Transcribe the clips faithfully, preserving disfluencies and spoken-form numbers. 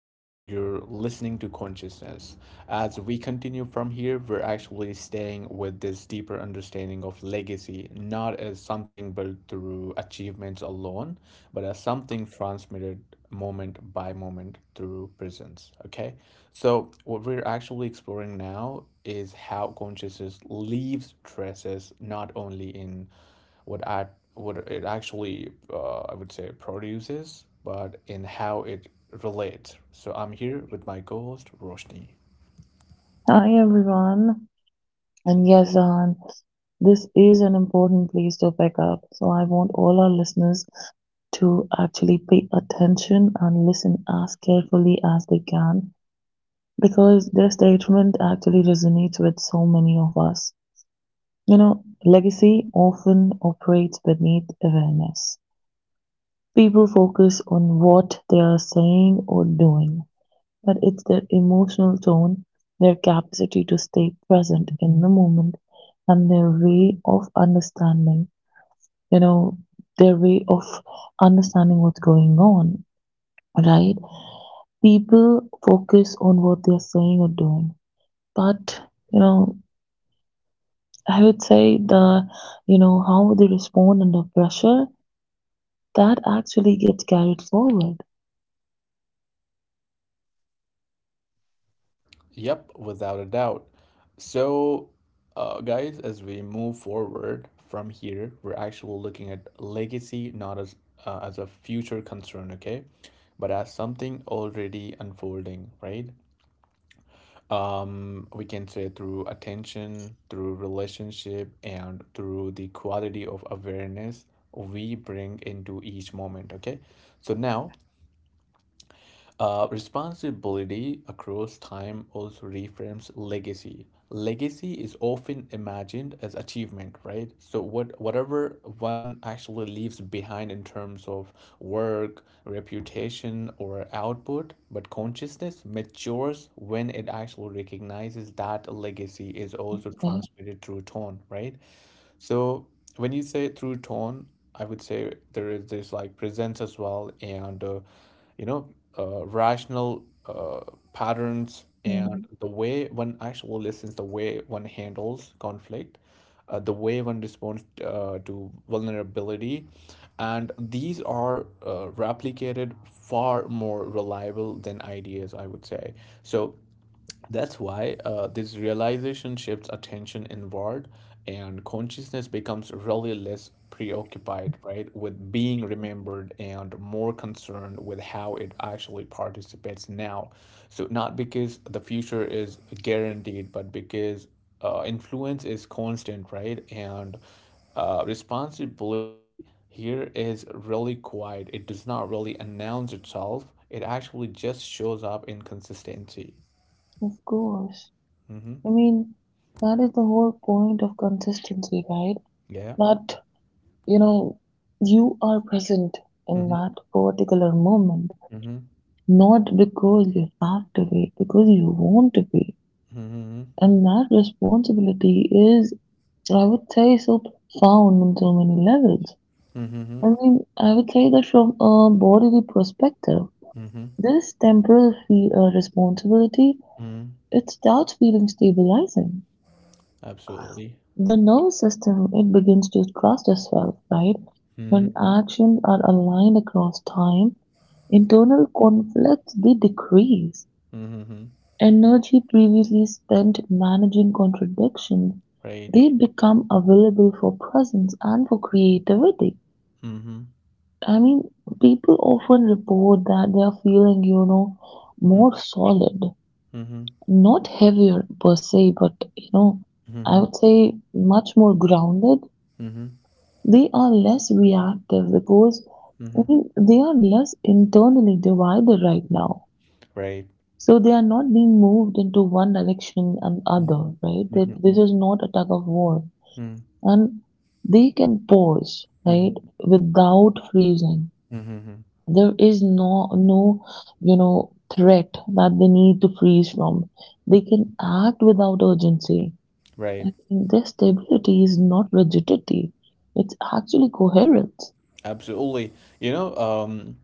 and you're listening to Consciousness. As we continue from here, we're actually staying with this deeper understanding of legacy, not as something built through achievements alone, but as something transmitted moment by moment through presence. Okay? So, what we're actually exploring now is how consciousness leaves traces not only in what act what it actually uh, I would say produces, but in how it relates. So I'm here with my co-host Roshni. Hi everyone, and yes, Zahan, this is an important place to pick up. So I want all our listeners to actually pay attention and listen as carefully as they can because their statement actually resonates with so many of us. You know, legacy often operates beneath awareness. People focus on what they are saying or doing, But it's their emotional tone, their capacity to stay present in the moment, and their way of understanding, you know, their way of understanding what's going on, right? People focus on what they're saying or doing. But, you know, I would say the, you know, how they respond under pressure, that actually gets carried forward, Yep, without a doubt. So, uh, guys, as we move forward from here, we're actually looking at legacy not as uh, as a future concern, okay, but as something already unfolding, right? Um, we can say through attention, through relationship, and through the quality of awareness we bring into each moment. Okay, so now uh, responsibility across time also reframes legacy. Legacy is often imagined as achievement, right? So what whatever one actually leaves behind in terms of work, reputation, or output, but consciousness matures when it actually recognizes that legacy is also right? transmitted through tone, right? So when you say through tone, I would say there is this like presence as well, and uh, you know, uh, rational uh, patterns, and Mm, the way one actually listens, the way one handles conflict, uh, the way one responds uh, to vulnerability, and these are uh, replicated far more reliable than ideas, I would say. So that's why uh, this realization shifts attention inward, and consciousness becomes really less preoccupied, right, with being remembered and more concerned with how it actually participates now. So, not because the future is guaranteed, but because uh, influence is constant, right? And uh, responsibility here is really quiet. It does not really announce itself, it actually just shows up in consistency. of course. Hmm. I mean, that is the whole point of consistency, right? Yeah. That you know you are present in Mm-hmm. that particular moment, Mm-hmm. not because you have to be, because you want to be, Mm-hmm. and that responsibility is, I would say, so profound on so many levels. I Mm-hmm. mean, I would say that from a bodily perspective, Mm-hmm. this temporal fe- uh, responsibility, Mm-hmm. it starts feeling stabilizing. Absolutely. The nervous system, it begins to trust itself, right? Mm-hmm. When actions are aligned across time, internal conflicts, they decrease. Mm-hmm. Energy previously spent managing contradictions, Right. they become available for presence and for creativity. Mm-hmm. I mean, people often report that they are feeling, you know, more solid, Mm-hmm. not heavier per se, but you know, I Mm-hmm. would say much more grounded. Mm-hmm. They are less reactive because, Mm-hmm. I mean, they are less internally divided right now. Right. So they are not being moved into one direction and other, right? That Mm-hmm. this is not a tug of war. Mm-hmm. And they can pause, Mm-hmm. right, without freezing. Mm-hmm. Mm-hmm. There is no no, you know, threat that they need to freeze from. They can act without urgency. Right. And their stability is not rigidity. It's actually coherence. Absolutely. You know, um,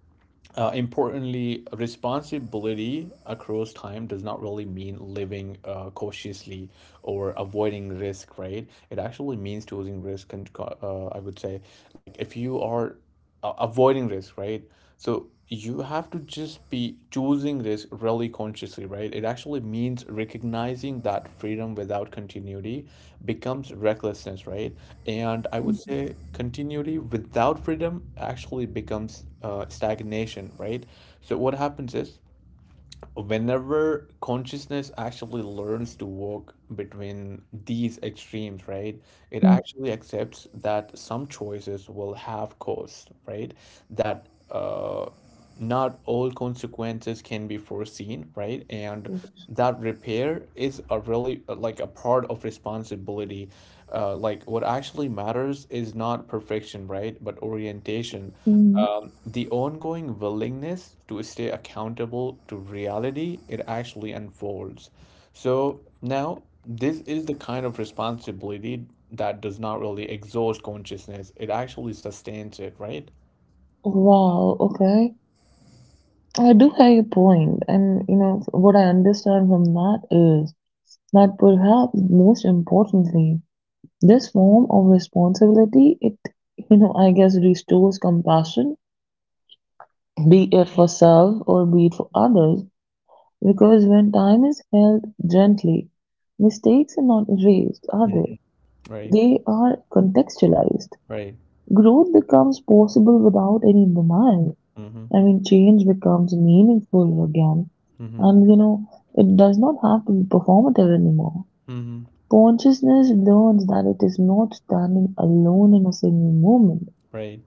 uh, Importantly, responsibility across time does not really mean living uh, cautiously or avoiding risk, right? It actually means choosing risk. And co- uh, I would say, like, if you are uh, avoiding risk, right? So you have to just be choosing risk really consciously, right? It actually means recognizing that freedom without continuity becomes recklessness, right? And I would say continuity without freedom actually becomes uh, stagnation, right? So what happens is whenever consciousness actually learns to walk between these extremes, right, it Mhm. actually accepts that some choices will have costs, right? That uh, not all consequences can be foreseen, right? And that repair is a really uh, like a part of responsibility. Uh, like, what actually matters is not perfection, right? But orientation, Mm. um, the ongoing willingness to stay accountable to reality it actually unfolds. So now, this is the kind of responsibility that does not really exhaust consciousness. It actually sustains it, right? Wow, okay. I do have a point, and you know what I understand from that is that perhaps most importantly, this form of responsibility, it, you know, I guess restores compassion, be it for self or be it for others, because when time is held gently, mistakes are not erased, are they? Mhm. Right, They are contextualized. right. Growth becomes possible without any demand. Mm-hmm. I mean, change becomes meaningful again. Mm-hmm. And, you know, it does not have to be performative anymore. Mm-hmm. Consciousness learns that it is not standing alone in a single moment. Right.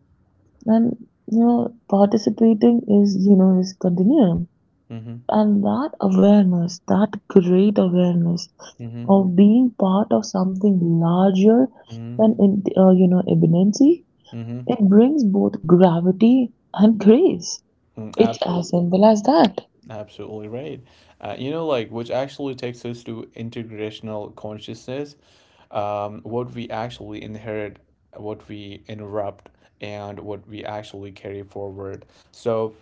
And you know participating is, you know is continuum, Mm-hmm. and that awareness, that great awareness Mm-hmm. of being part of something larger Mm-hmm. Mm-hmm. than, in, uh, you know imminency, it Mm-hmm. brings both gravity and grace. Mm, It's as absolutely. simple as that. Absolutely right. Uh, you know, like, which actually takes us to integrational consciousness, um, what we actually inherit, what we interrupt, and what we actually carry forward. So,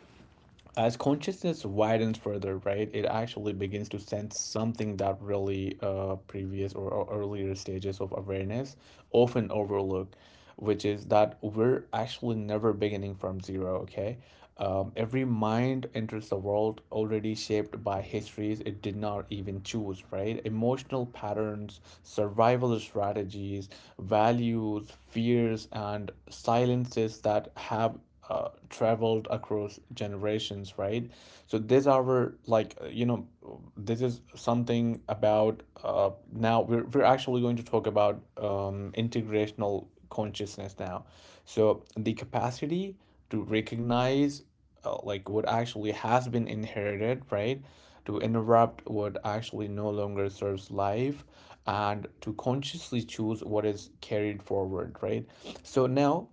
as consciousness widens further, right, it actually begins to sense something that really uh, previous or, or earlier stages of awareness often overlook, which is that we're actually never beginning from zero, okay? Um, every mind enters the world already shaped by histories it did not even choose, right? Emotional patterns, survival strategies, values, fears, and silences that have uh, traveled across generations, right? So this our like uh, you know this is something about uh, now we're we're actually going to talk about um, integrational consciousness now. So the capacity to recognize, uh, like, what actually has been inherited, right? To interrupt what actually no longer serves life, and to consciously choose what is carried forward, right? So now,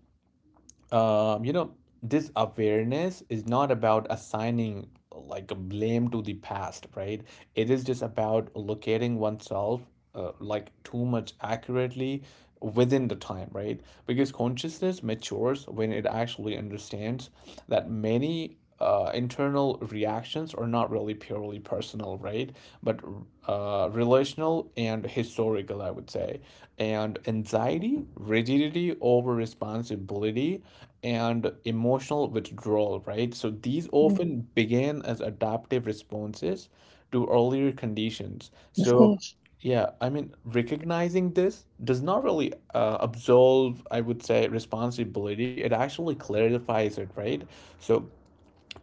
um, you know, this awareness is not about assigning like a blame to the past, right? It is just about locating oneself uh, like too much accurately within the time, right? Because consciousness matures when it actually understands that many uh, internal reactions are not really purely personal, right? But uh, relational and historical, I would say. And anxiety, rigidity, over responsibility, and emotional withdrawal, right? So these Mm, often began as adaptive responses to earlier conditions. of So, course. yeah, I mean, recognizing this does not really uh, absolve, I would say, responsibility. It actually clarifies it, right? So,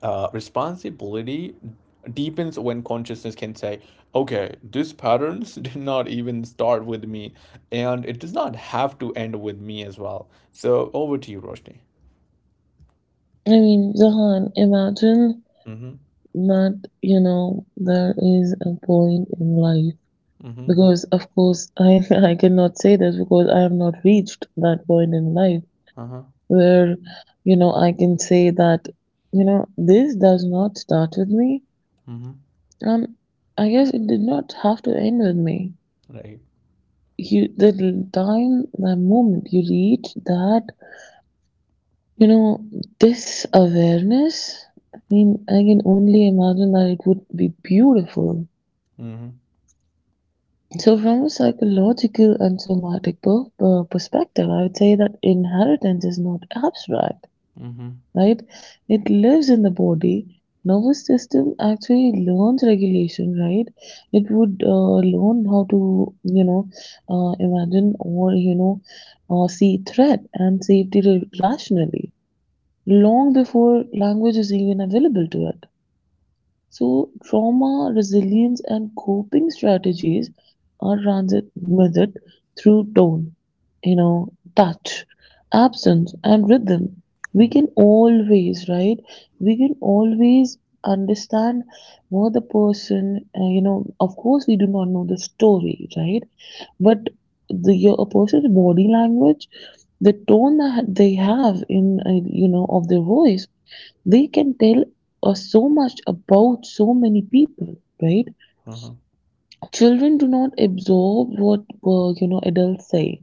uh, responsibility deepens when consciousness can say, okay, these patterns did not even start with me, and it does not have to end with me as well. So over to you, Roshni. I mean, Zahan, imagine Mm-hmm. that you know there is a point in life, Mm-hmm. because of course I I cannot say this because I have not reached that point in life, Uh-huh. where you know I can say that you know this does not start with me. Mm-hmm. Um, I guess it did not have to end with me. Right. You, the time, the moment you reach that, you know this awareness, I mean, I can only imagine that it would be beautiful. Mm-hmm. So, from a psychological and somatic per- per- perspective, I would say that inheritance is not abstract, Mm-hmm. right? It lives in the body. Nervous system actually learns regulation, right? It would uh, learn how to, you know, uh, imagine, or you know, uh, see threat and safety ra- rationally long before language is even available to it. So trauma, resilience, and coping strategies are transmitted through tone, you know, touch, absence, and rhythm. We Yeah. can always, right? We can always understand what the person, uh, you know, of course, we do not know the story, right? But the your- a person's body language, the tone that they have in, uh, you know, of their voice, we can tell us so much about so many people, right? Uh-huh. Children do not absorb what uh, you know adults say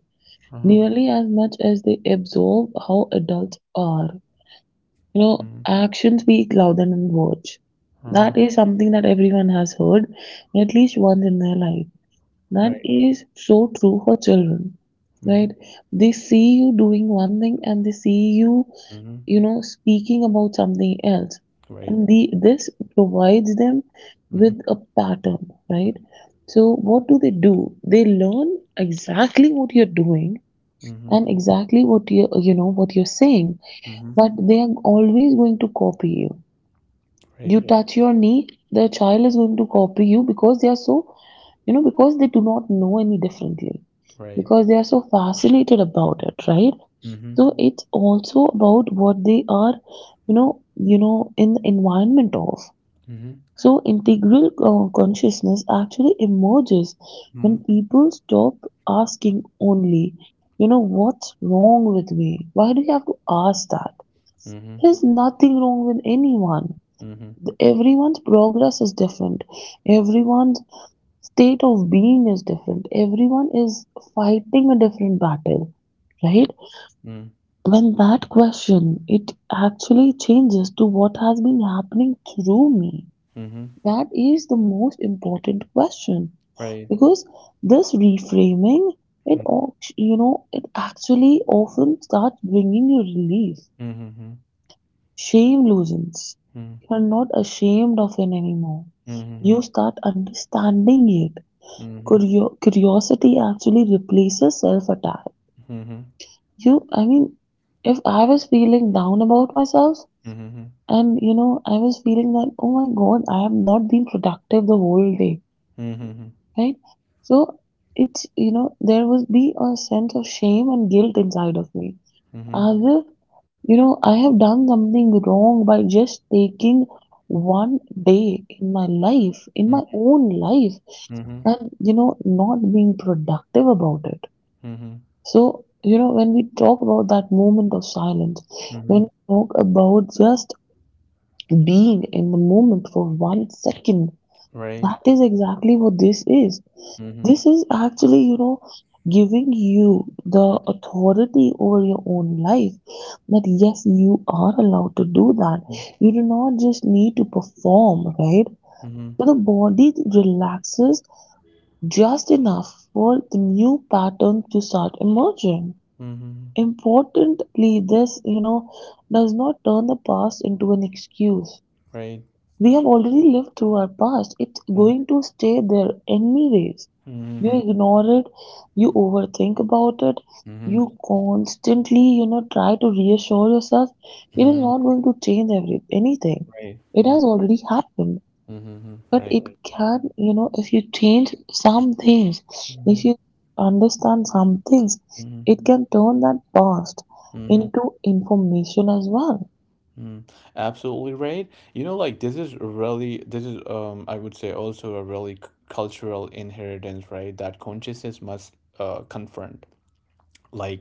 Uh-huh. nearly as much as they absorb how adults are. You know mm. Actions speak louder than words. Uh-huh. That is something that everyone has heard at least once in their life. That Right. is so true for children, Mm-hmm. right? They see you doing one thing and they see you Mm-hmm. you know, speaking about something else. Right. And the this provides them Mm-hmm. with a pattern, right? So what do they do? They learn exactly what you're doing Mm-hmm. and exactly what you you know what you're saying, Mm-hmm. but they are always going to copy you. You, Right. yeah, touch your knee, the child is going to copy you because they are so, you know because they do not know any differently, Right. because they are so fascinated about it, right? Mm-hmm. So it's also about what they are, you know, you know, in the environment of. Mm-hmm. So integral uh, consciousness actually emerges when Mm-hmm. people stop asking only, you know, what's wrong with me? Why do you have to ask that? Mm-hmm. There's nothing wrong with anyone. The- Everyone's progress is different. Everyone's state of being is different. Everyone is fighting a different battle, right? Mm-hmm. When that question, it actually changes to what has been happening through me. Mm-hmm. That is the most important question Right. because this reframing, it au- you know, it actually often starts bringing you relief. Mhm, mhm, Shame loosens. You are not ashamed of it anymore. mhm, You mhm, start understanding it. mhm, Curio- curiosity actually replaces self-attack. mhm, You, I mean, if I was feeling down about myself, mhm, mhm, and you know, I was feeling that, oh my God, I have not been productive the whole day, mhm, right? So it's, you know, there was be a sense of shame and guilt inside of me. mhm, As if, you know, I have done something wrong by just taking one day in my life, in my own life, and you know not being productive about it. mhm, So you know when we talk about that moment of silence, when we mhm, talk about just being in the moment for one second, right, that is exactly what this is. mhm, This is actually you know giving you the authority over your own life, that yes, you are allowed to do that, you do not just need to perform, right? mhm, So the body relaxes just enough for the new pattern to start emerging. mhm, mhm, Importantly, this you know does not turn the past into an excuse. right, We have already lived through our past. It's mhm, going to stay there anyways. You mhm, ignore it, you overthink about it, mhm, you constantly, you know, try to reassure yourself. It is mhm, not going to change every anything. right, It mhm, has already happened. mhm, But right, it, right, can, you know, if you change some things, if mhm, you understand some things, mhm, mhm, it can turn that past into information as well. mhm. Absolutely right. You know, like, this is really this is um I would say also a really c- cultural inheritance, right? That consciousness must uh confront,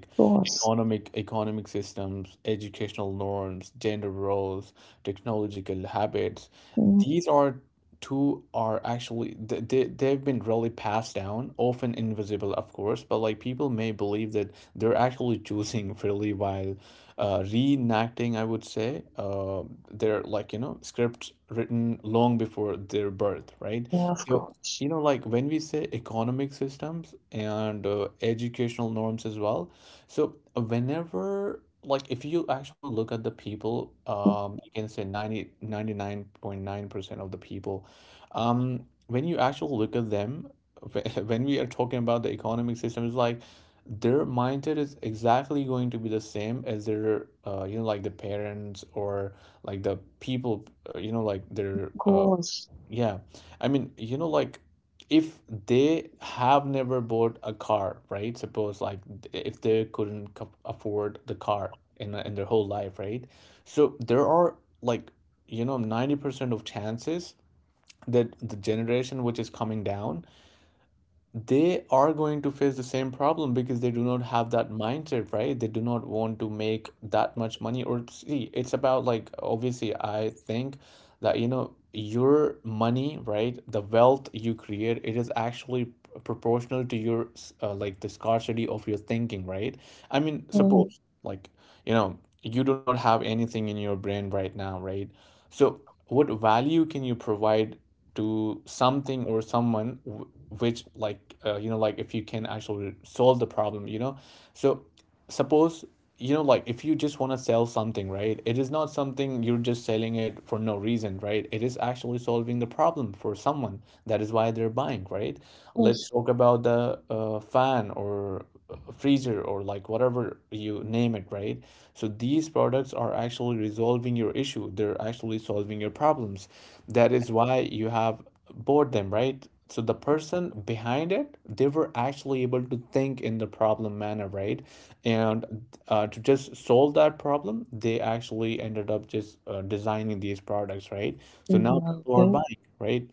Of course. economic economic systems, educational norms, gender roles, technological habits. Mm. These are two are actually th- they they've been really passed down, often invisible, of course, but like people may believe that they're actually choosing freely while uh, reenacting, I would say, uh, they're like you know scripts written long before their birth, right? Yeah, of So course. you know like, when we say economic systems and uh, educational norms as well, so whenever, like, if you actually look at the people, Of um you can say ninety ninety nine point nine percent of the people, um when you actually look at them, wh- when we are talking about the economic system, it's like their mindset is exactly going to be the same as their uh you know like the parents, or like the people, uh, you know like their uh course. yeah. I mean, you know, like, if they have never bought a car, right? Suppose, like, th- if they couldn't co- afford the car in in their whole life, right? So there are, like, you know, ninety percent of chances that the generation which is coming down, they are going to face the same problem because they do not have that mindset, right? They do not want to make that much money. Or see, it's about, like, obviously, I think that you know your money, right? The wealth you create, it is actually proportional to your, uh, like, the scarcity of your thinking, right? I mean, Oh, suppose, like, you know you do not have anything in your brain right now, right? So, what value can you provide to something or someone w- which, like, uh, you know like, if you can actually solve the problem, you know so suppose, you know like, if you just want to sell something, right, it is not something you're just selling it for no reason, right, it is actually solving the problem for someone, that is why they're buying, right? Let's that's, talk about the uh, fan or freezer or like whatever you name it, right? So these products are actually resolving your issue. They're actually solving your problems. That is why you have bought them, right? So the person behind it, they were actually able to think in the problem manner, right? And uh, to just solve that problem, they actually ended up just uh, designing these products, right? So now well, people are good. buying, right?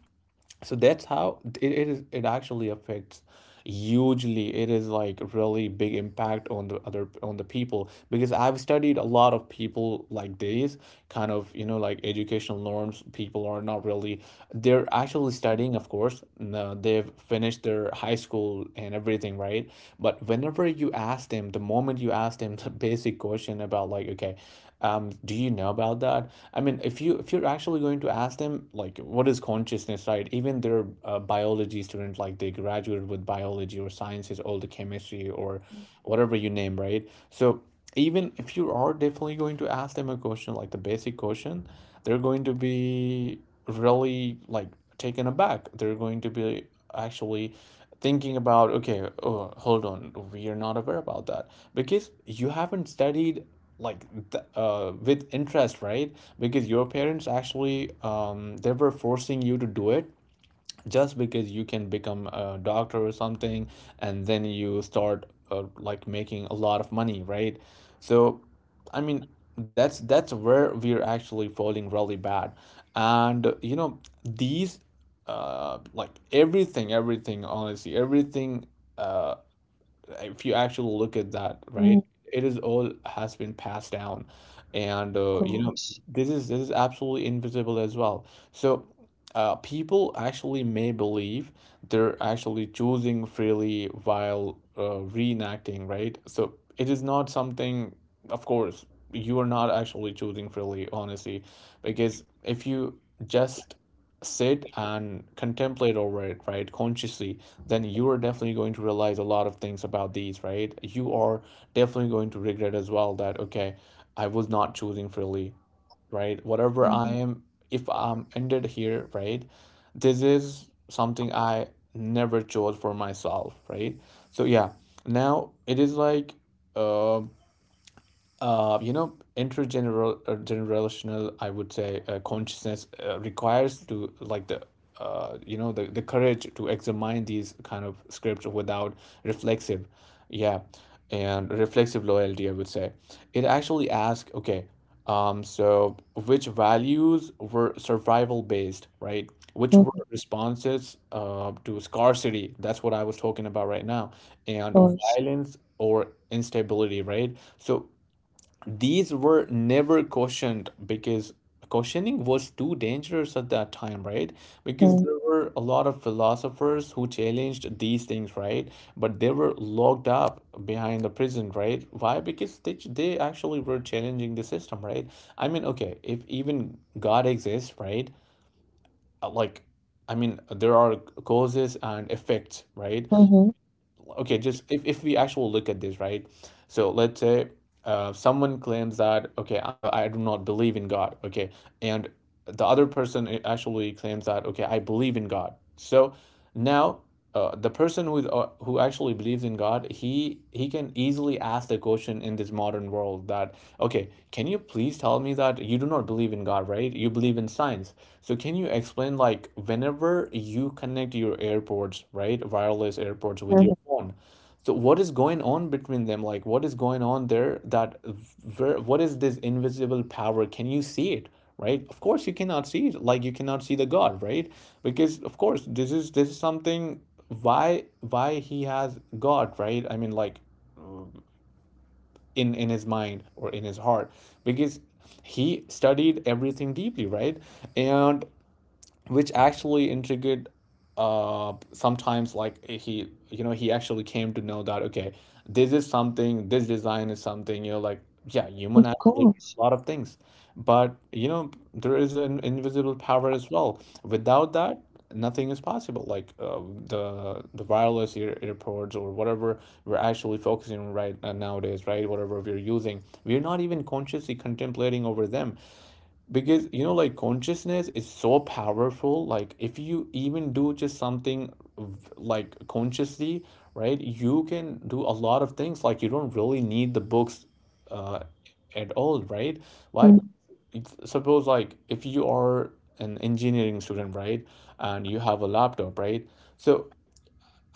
So that's how it, it is it actually affects hugely, it is like really big impact on the other on the people, because I've studied a lot of people like these kind of, you know like, educational norms, people are not really, they're actually Mm. studying, of course no, they've finished their high school and everything, right? But whenever you ask them the moment you ask them the basic question about, like, okay, um do you know about that, I mean, if you if you're actually going to ask them, like, what is consciousness, right? Even their uh, biology student, like, they graduated with biology or sciences, all the chemistry or whatever you name, right? So even if you are definitely going to ask them a question, like the basic question, they're going to be really, like, taken aback. They're going to be actually thinking about, okay, oh, hold on, we are not aware about that, because you haven't studied, like, th- uh, with interest, right? Because your parents actually, um, they were forcing you to do it just because you can become a doctor or something. And then you start uh, like making a lot of money, right? So, I mean, that's that's where we're actually falling really bad. And uh, you know, these, uh like, everything everything, honestly, everything, uh if you actually look at that, right, Mm. it is all has been passed down, and Of uh, you know, course. this is this is absolutely invisible as well. So uh, people actually may believe they're actually choosing freely while uh, reenacting, right? So it is not something, of course, you are not actually choosing freely, honestly, because if you just sit and contemplate over it, right, consciously, then you are definitely going to realize a lot of things about these, right? You are definitely going to regret as well that, okay, I was not choosing freely, right? Whatever Mm. I am, if I'm ended here, right? This is something I never chose for myself, right? So, yeah, now it is like, um uh, you know, intergeneral uh, generational, I would say, uh, consciousness uh, requires to, like, the uh, you know, the, the courage to examine these kind of scripts without reflexive, yeah, and reflexive loyalty, I would say. It actually asks, okay, um, so which values were survival based, right? Which Of were responses uh, to scarcity? That's what I was talking about right now, and course. violence or instability, right? So these were never cautioned because cautioning was too dangerous at that time, right? Because Mm. there were a lot of philosophers who challenged these things, right? But they were locked up behind the prison, right? Why? Because they they actually were challenging the system, right? I mean, okay, if even God exists, right? Uh, Like, I mean, there are causes and effects, right? Mhm. Okay, just, if, if we actually look at this, right, so let's say uh, someone claims that, okay, I, I do not believe in God. Okay. And the other person, eh, actually claims that, okay, I believe in God. So now, uh, the person who uh, who actually believes in God, he he can easily ask the question in this modern world that, okay, can you please tell me that you do not believe in God, right? You believe in science. So can you explain, like, whenever you connect your AirPods, right, wireless AirPods with Mhm. your phone, so what is going on between them? Like, what is going on there? That, where, what is this invisible power? Can you see it? Right? Of course you cannot see it. Like, you cannot see the God, right? Because of course this is this is something. Why why he has God, right? I mean, like, in in his mind or in his heart, because he studied everything deeply, right? And which actually intrigued uh sometimes, like, he, you know, he actually came to know that, okay, this is something, this design is something, you know, like, yeah, human Of actually did course. a lot of things, but you know there is an invisible power as well, without that nothing is possible, like, uh, the the wireless ear earpods or whatever we're actually focusing on, right, uh, nowadays, right, whatever we're using, we're not even consciously contemplating over them. Because you know, like, consciousness is so powerful. Like, if you even do just something v- like consciously, right, you can do a lot of things. Like, you don't really need the books uh at all, right? Why? Mm. It's- suppose, like, if you are an engineering student, right, and you have a laptop, right, so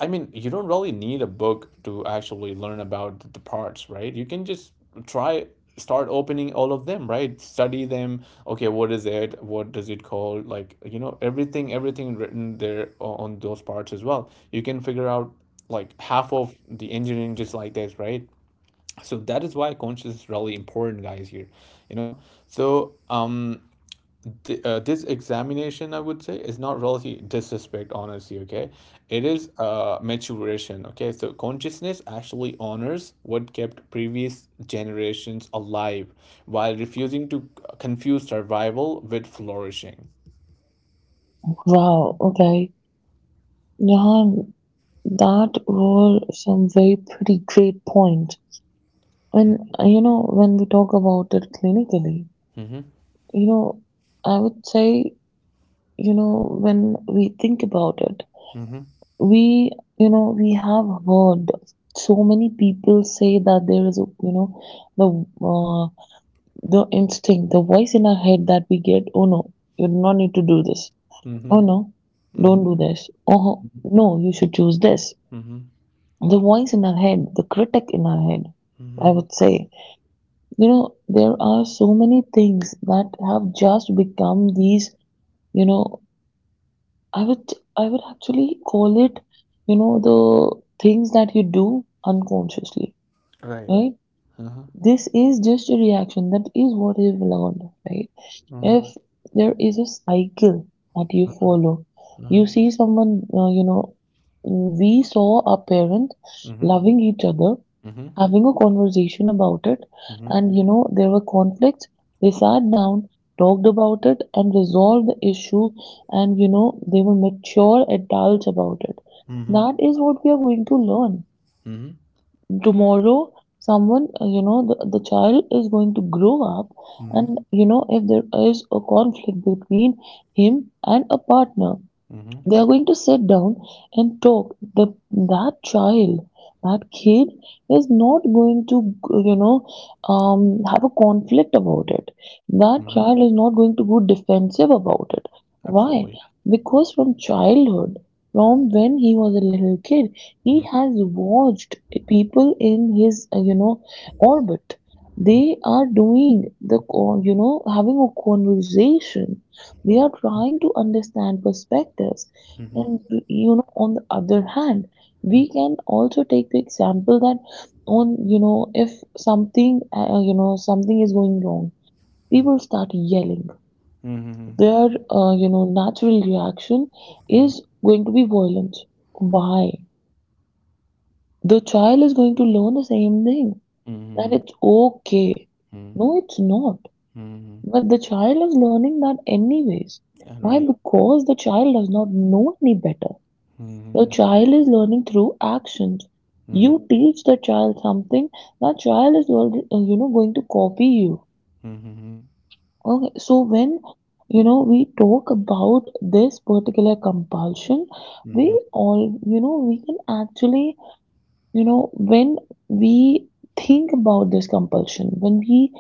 I mean, you don't really need a book to actually learn about the parts, right? You can just try, start opening all of them, right? Study them. Okay, what is it? What does it call? Like, you know, everything everything written there o- on those parts as well. You can figure out, like, half of the engineering just like this, right? So that is why conscious is really important, guys, here, you know? So, um th- uh, this examination, I would say, is not really disrespect, honestly. Okay. It is uh maturation. Okay. So consciousness actually honors what kept previous generations alive while refusing to confuse survival with flourishing. Wow, okay. Yeah, that were some very pretty great points. And uh, you know, when we talk about it clinically, Mm-hmm. you know, I would say, you know, when we think about it, Mm-hmm. we, you know, we have heard so many people say that there is, a, you know, the uh, the instinct, the voice in our head that we get, oh no, you do not need to do this. Oh Mm-hmm. no, don't do this. Oh Mm-hmm. no, you should choose this. Mm-hmm. The voice in our head, the critic in our head, I Mm-hmm. would say. You know, there are so many things that have just become these, you know, I would I would actually call it, you know, the things that you do unconsciously, Right. right? Uh-huh. This is just a reaction. That is what you've learned, right? If Uh-huh. there is a cycle that you follow, you Uh-huh. see someone, uh, you know, we saw our parents Mm-hmm. loving each other, Mm-hmm. having a conversation about it. And Mm-hmm. you know, there were conflicts. They sat down, talked about it, and resolved the issue. And you know, they were mature adults about it. Mm-hmm. That is what we are going to learn. Mm-hmm. Tomorrow, someone, uh, you know, the, the child is going to grow up. And Mm-hmm. you know, if there is a conflict between him and a partner, Mm-hmm. they are going to sit down and talk. The, that child, that kid is not going to, you know, um, have a conflict about it. That Mm-hmm. child is not going to go defensive about it. Why? Absolutely. Because from childhood, from when he was a little kid, he Mm-hmm. has watched people in his, uh, you know, orbit. They are doing the, con- you know, having a conversation. They are Mm-hmm. trying to understand perspectives. Mm-hmm. And you know, on the other hand, we Mhm. can also take the example that on, you know, if something, uh, you know, something is going wrong, Mhm. people start yelling. Mhm. Their, uh, you know, natural reaction Mhm. is going to be violence. Why? The child is going to learn the same thing, that Mhm. it's okay. No, it's not. Mhm. But the child is learning that anyways. All Why? right. Because the child does not know any better. The Mhm. child is learning through actions. Mhm. You teach the child something, that child is already, you know, going to copy you. Mhm. Okay, so when you know we talk about this particular compulsion, we Mhm. all, you know, we can actually, you know, when we think about this compulsion, when we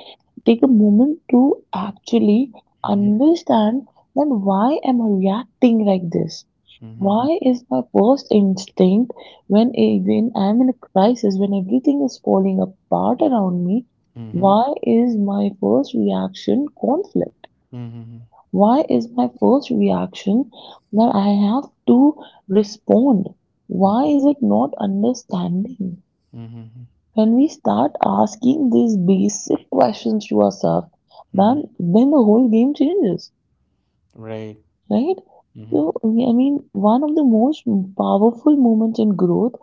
take a moment to actually understand that why am I reacting like this? Mhm. Why is my first instinct when I- when I'm in a crisis, when everything is falling apart around me, Mhm. why is my first reaction conflict? Mhm. Why is my first reaction that I have to respond? Why is it not understanding? Mhm. Mhm. When we start asking these basic questions to ourselves, Mhm. then then the whole game changes, Right. right? So Mhm. we- I mean, one of the most powerful moments in growth,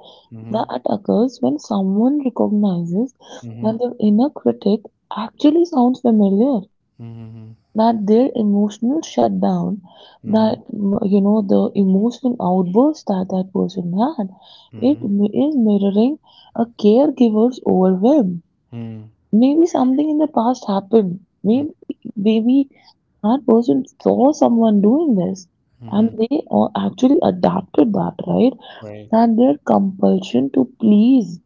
that Mhm. act occurs when someone recognizes that Mhm. their inner critic actually sounds familiar, Mhm. that their emotional shutdown, that Mhm. mm, you know the emotional outburst that that person had, it Mhm. mi- is mirroring a caregiver's overwhelm. Mhm. Maybe something in the past happened. Maybe maybe that person saw someone doing this and Mhm. they uh, actually adapted that, right? Right. And their compulsion to please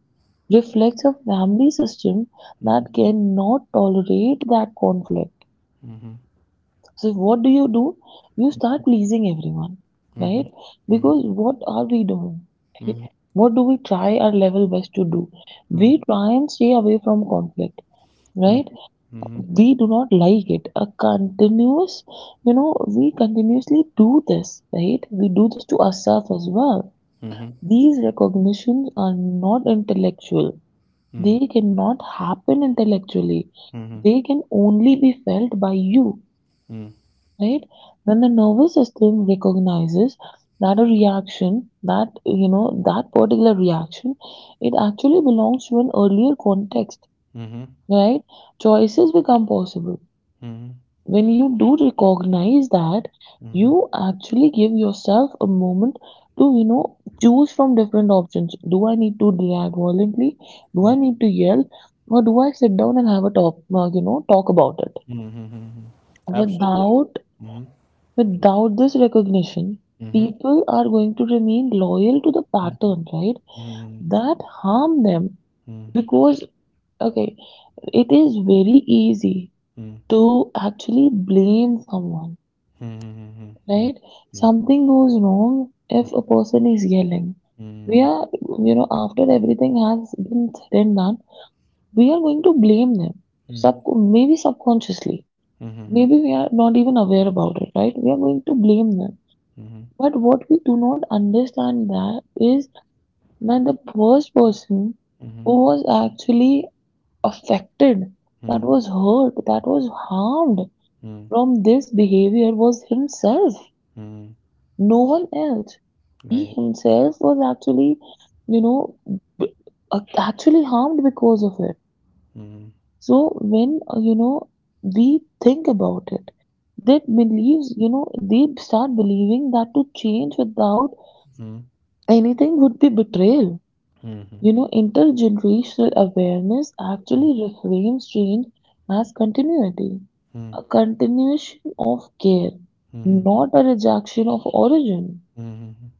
reflects a family system Mhm. that cannot tolerate that conflict. Mhm. So what do you do? You start pleasing everyone, right? Mhm. Mhm. Because what are we doing? Right? Mhm. What do we try our level best to do? Mhm. We try and stay away from conflict, right? Mhm. We do not like it. A continuous, you know, We continuously do this, right? We do this to ourselves as well. Mhm. These recognitions are not intellectual. Mhm. Mhm. They cannot happen intellectually. Mhm. They can only be felt by you, Mhm. right? When the nervous system recognizes that a reaction, that, you know, that particular reaction, it actually belongs to an earlier context, Mhm. right? Choices become possible Mhm. when you do recognize that Mhm. you actually give yourself a moment to you know choose from different options. Do I need to react violently? Do I Mhm. need to yell? Or do I sit down and have a talk uh, you know talk about it, Mhm. Absolutely. without Mhm. without this recognition? Mhm. People are going to remain loyal to the pattern, right, Mhm. that harm them, Mhm. because, okay, it is very easy Mhm. to actually blame someone, Mhm. right? Mhm. Something goes wrong if a person is yelling. We Mhm. are, you know, after everything has been said and done, we are going to blame them. Sub maybe subconsciously, Mhm. maybe we are not even aware about it, right? We are going to blame them. Mhm. But what we do not understand that is that the first person Mhm. Mhm. Mhm. who was actually affected, that Mhm. was hurt, that was harmed Mhm. from this behavior was himself, Mhm. no one else He Right. himself was actually, you know, b- uh, actually harmed because of it. Mhm. So when, uh, you know, we think about it, that believes, you know, they start believing that to change without Mhm. anything would be betrayal. Mhm. You know, intergenerational awareness actually reframes change as continuity, Mhm. a continuation of care, Mhm. not a rejection of origin. Mhm. Mhm,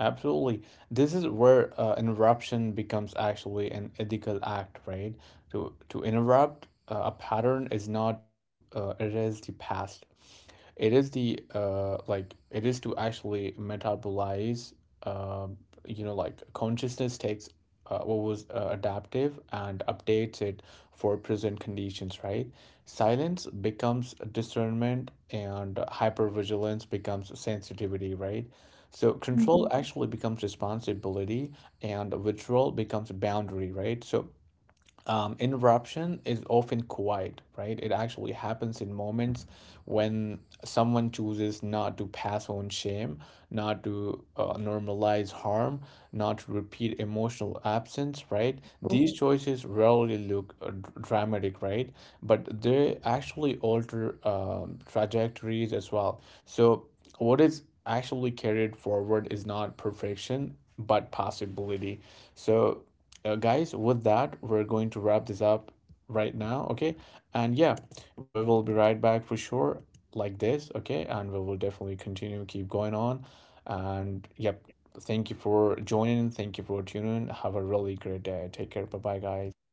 absolutely. This is where uh, interruption becomes actually an ethical act, right? To to interrupt uh, a pattern is not to uh, erase the past. It is the uh like, it is to actually metabolize. uh you know, like, consciousness takes uh, what was uh, adaptive and updates it for present conditions, right? Silence becomes discernment, and hypervigilance becomes sensitivity, right? So control Mhm. actually becomes responsibility, and withdrawal becomes boundary, right? So, um, interruption is often quiet, right? It actually happens in moments when someone chooses not to pass on shame, not to uh, normalize harm, not to repeat emotional absence, right? These choices rarely look uh, dr- dramatic, right? But they actually alter um, trajectories as well. So, what is actually carried forward is not perfection, but possibility. So, uh, guys, with that, we're going to wrap this up right now, okay? And yeah, we will be right back for sure, like this, okay? And we will definitely continue, keep going on. And yep, thank you for joining. Thank you for tuning in. Have a really great day. Take care. Bye bye, guys.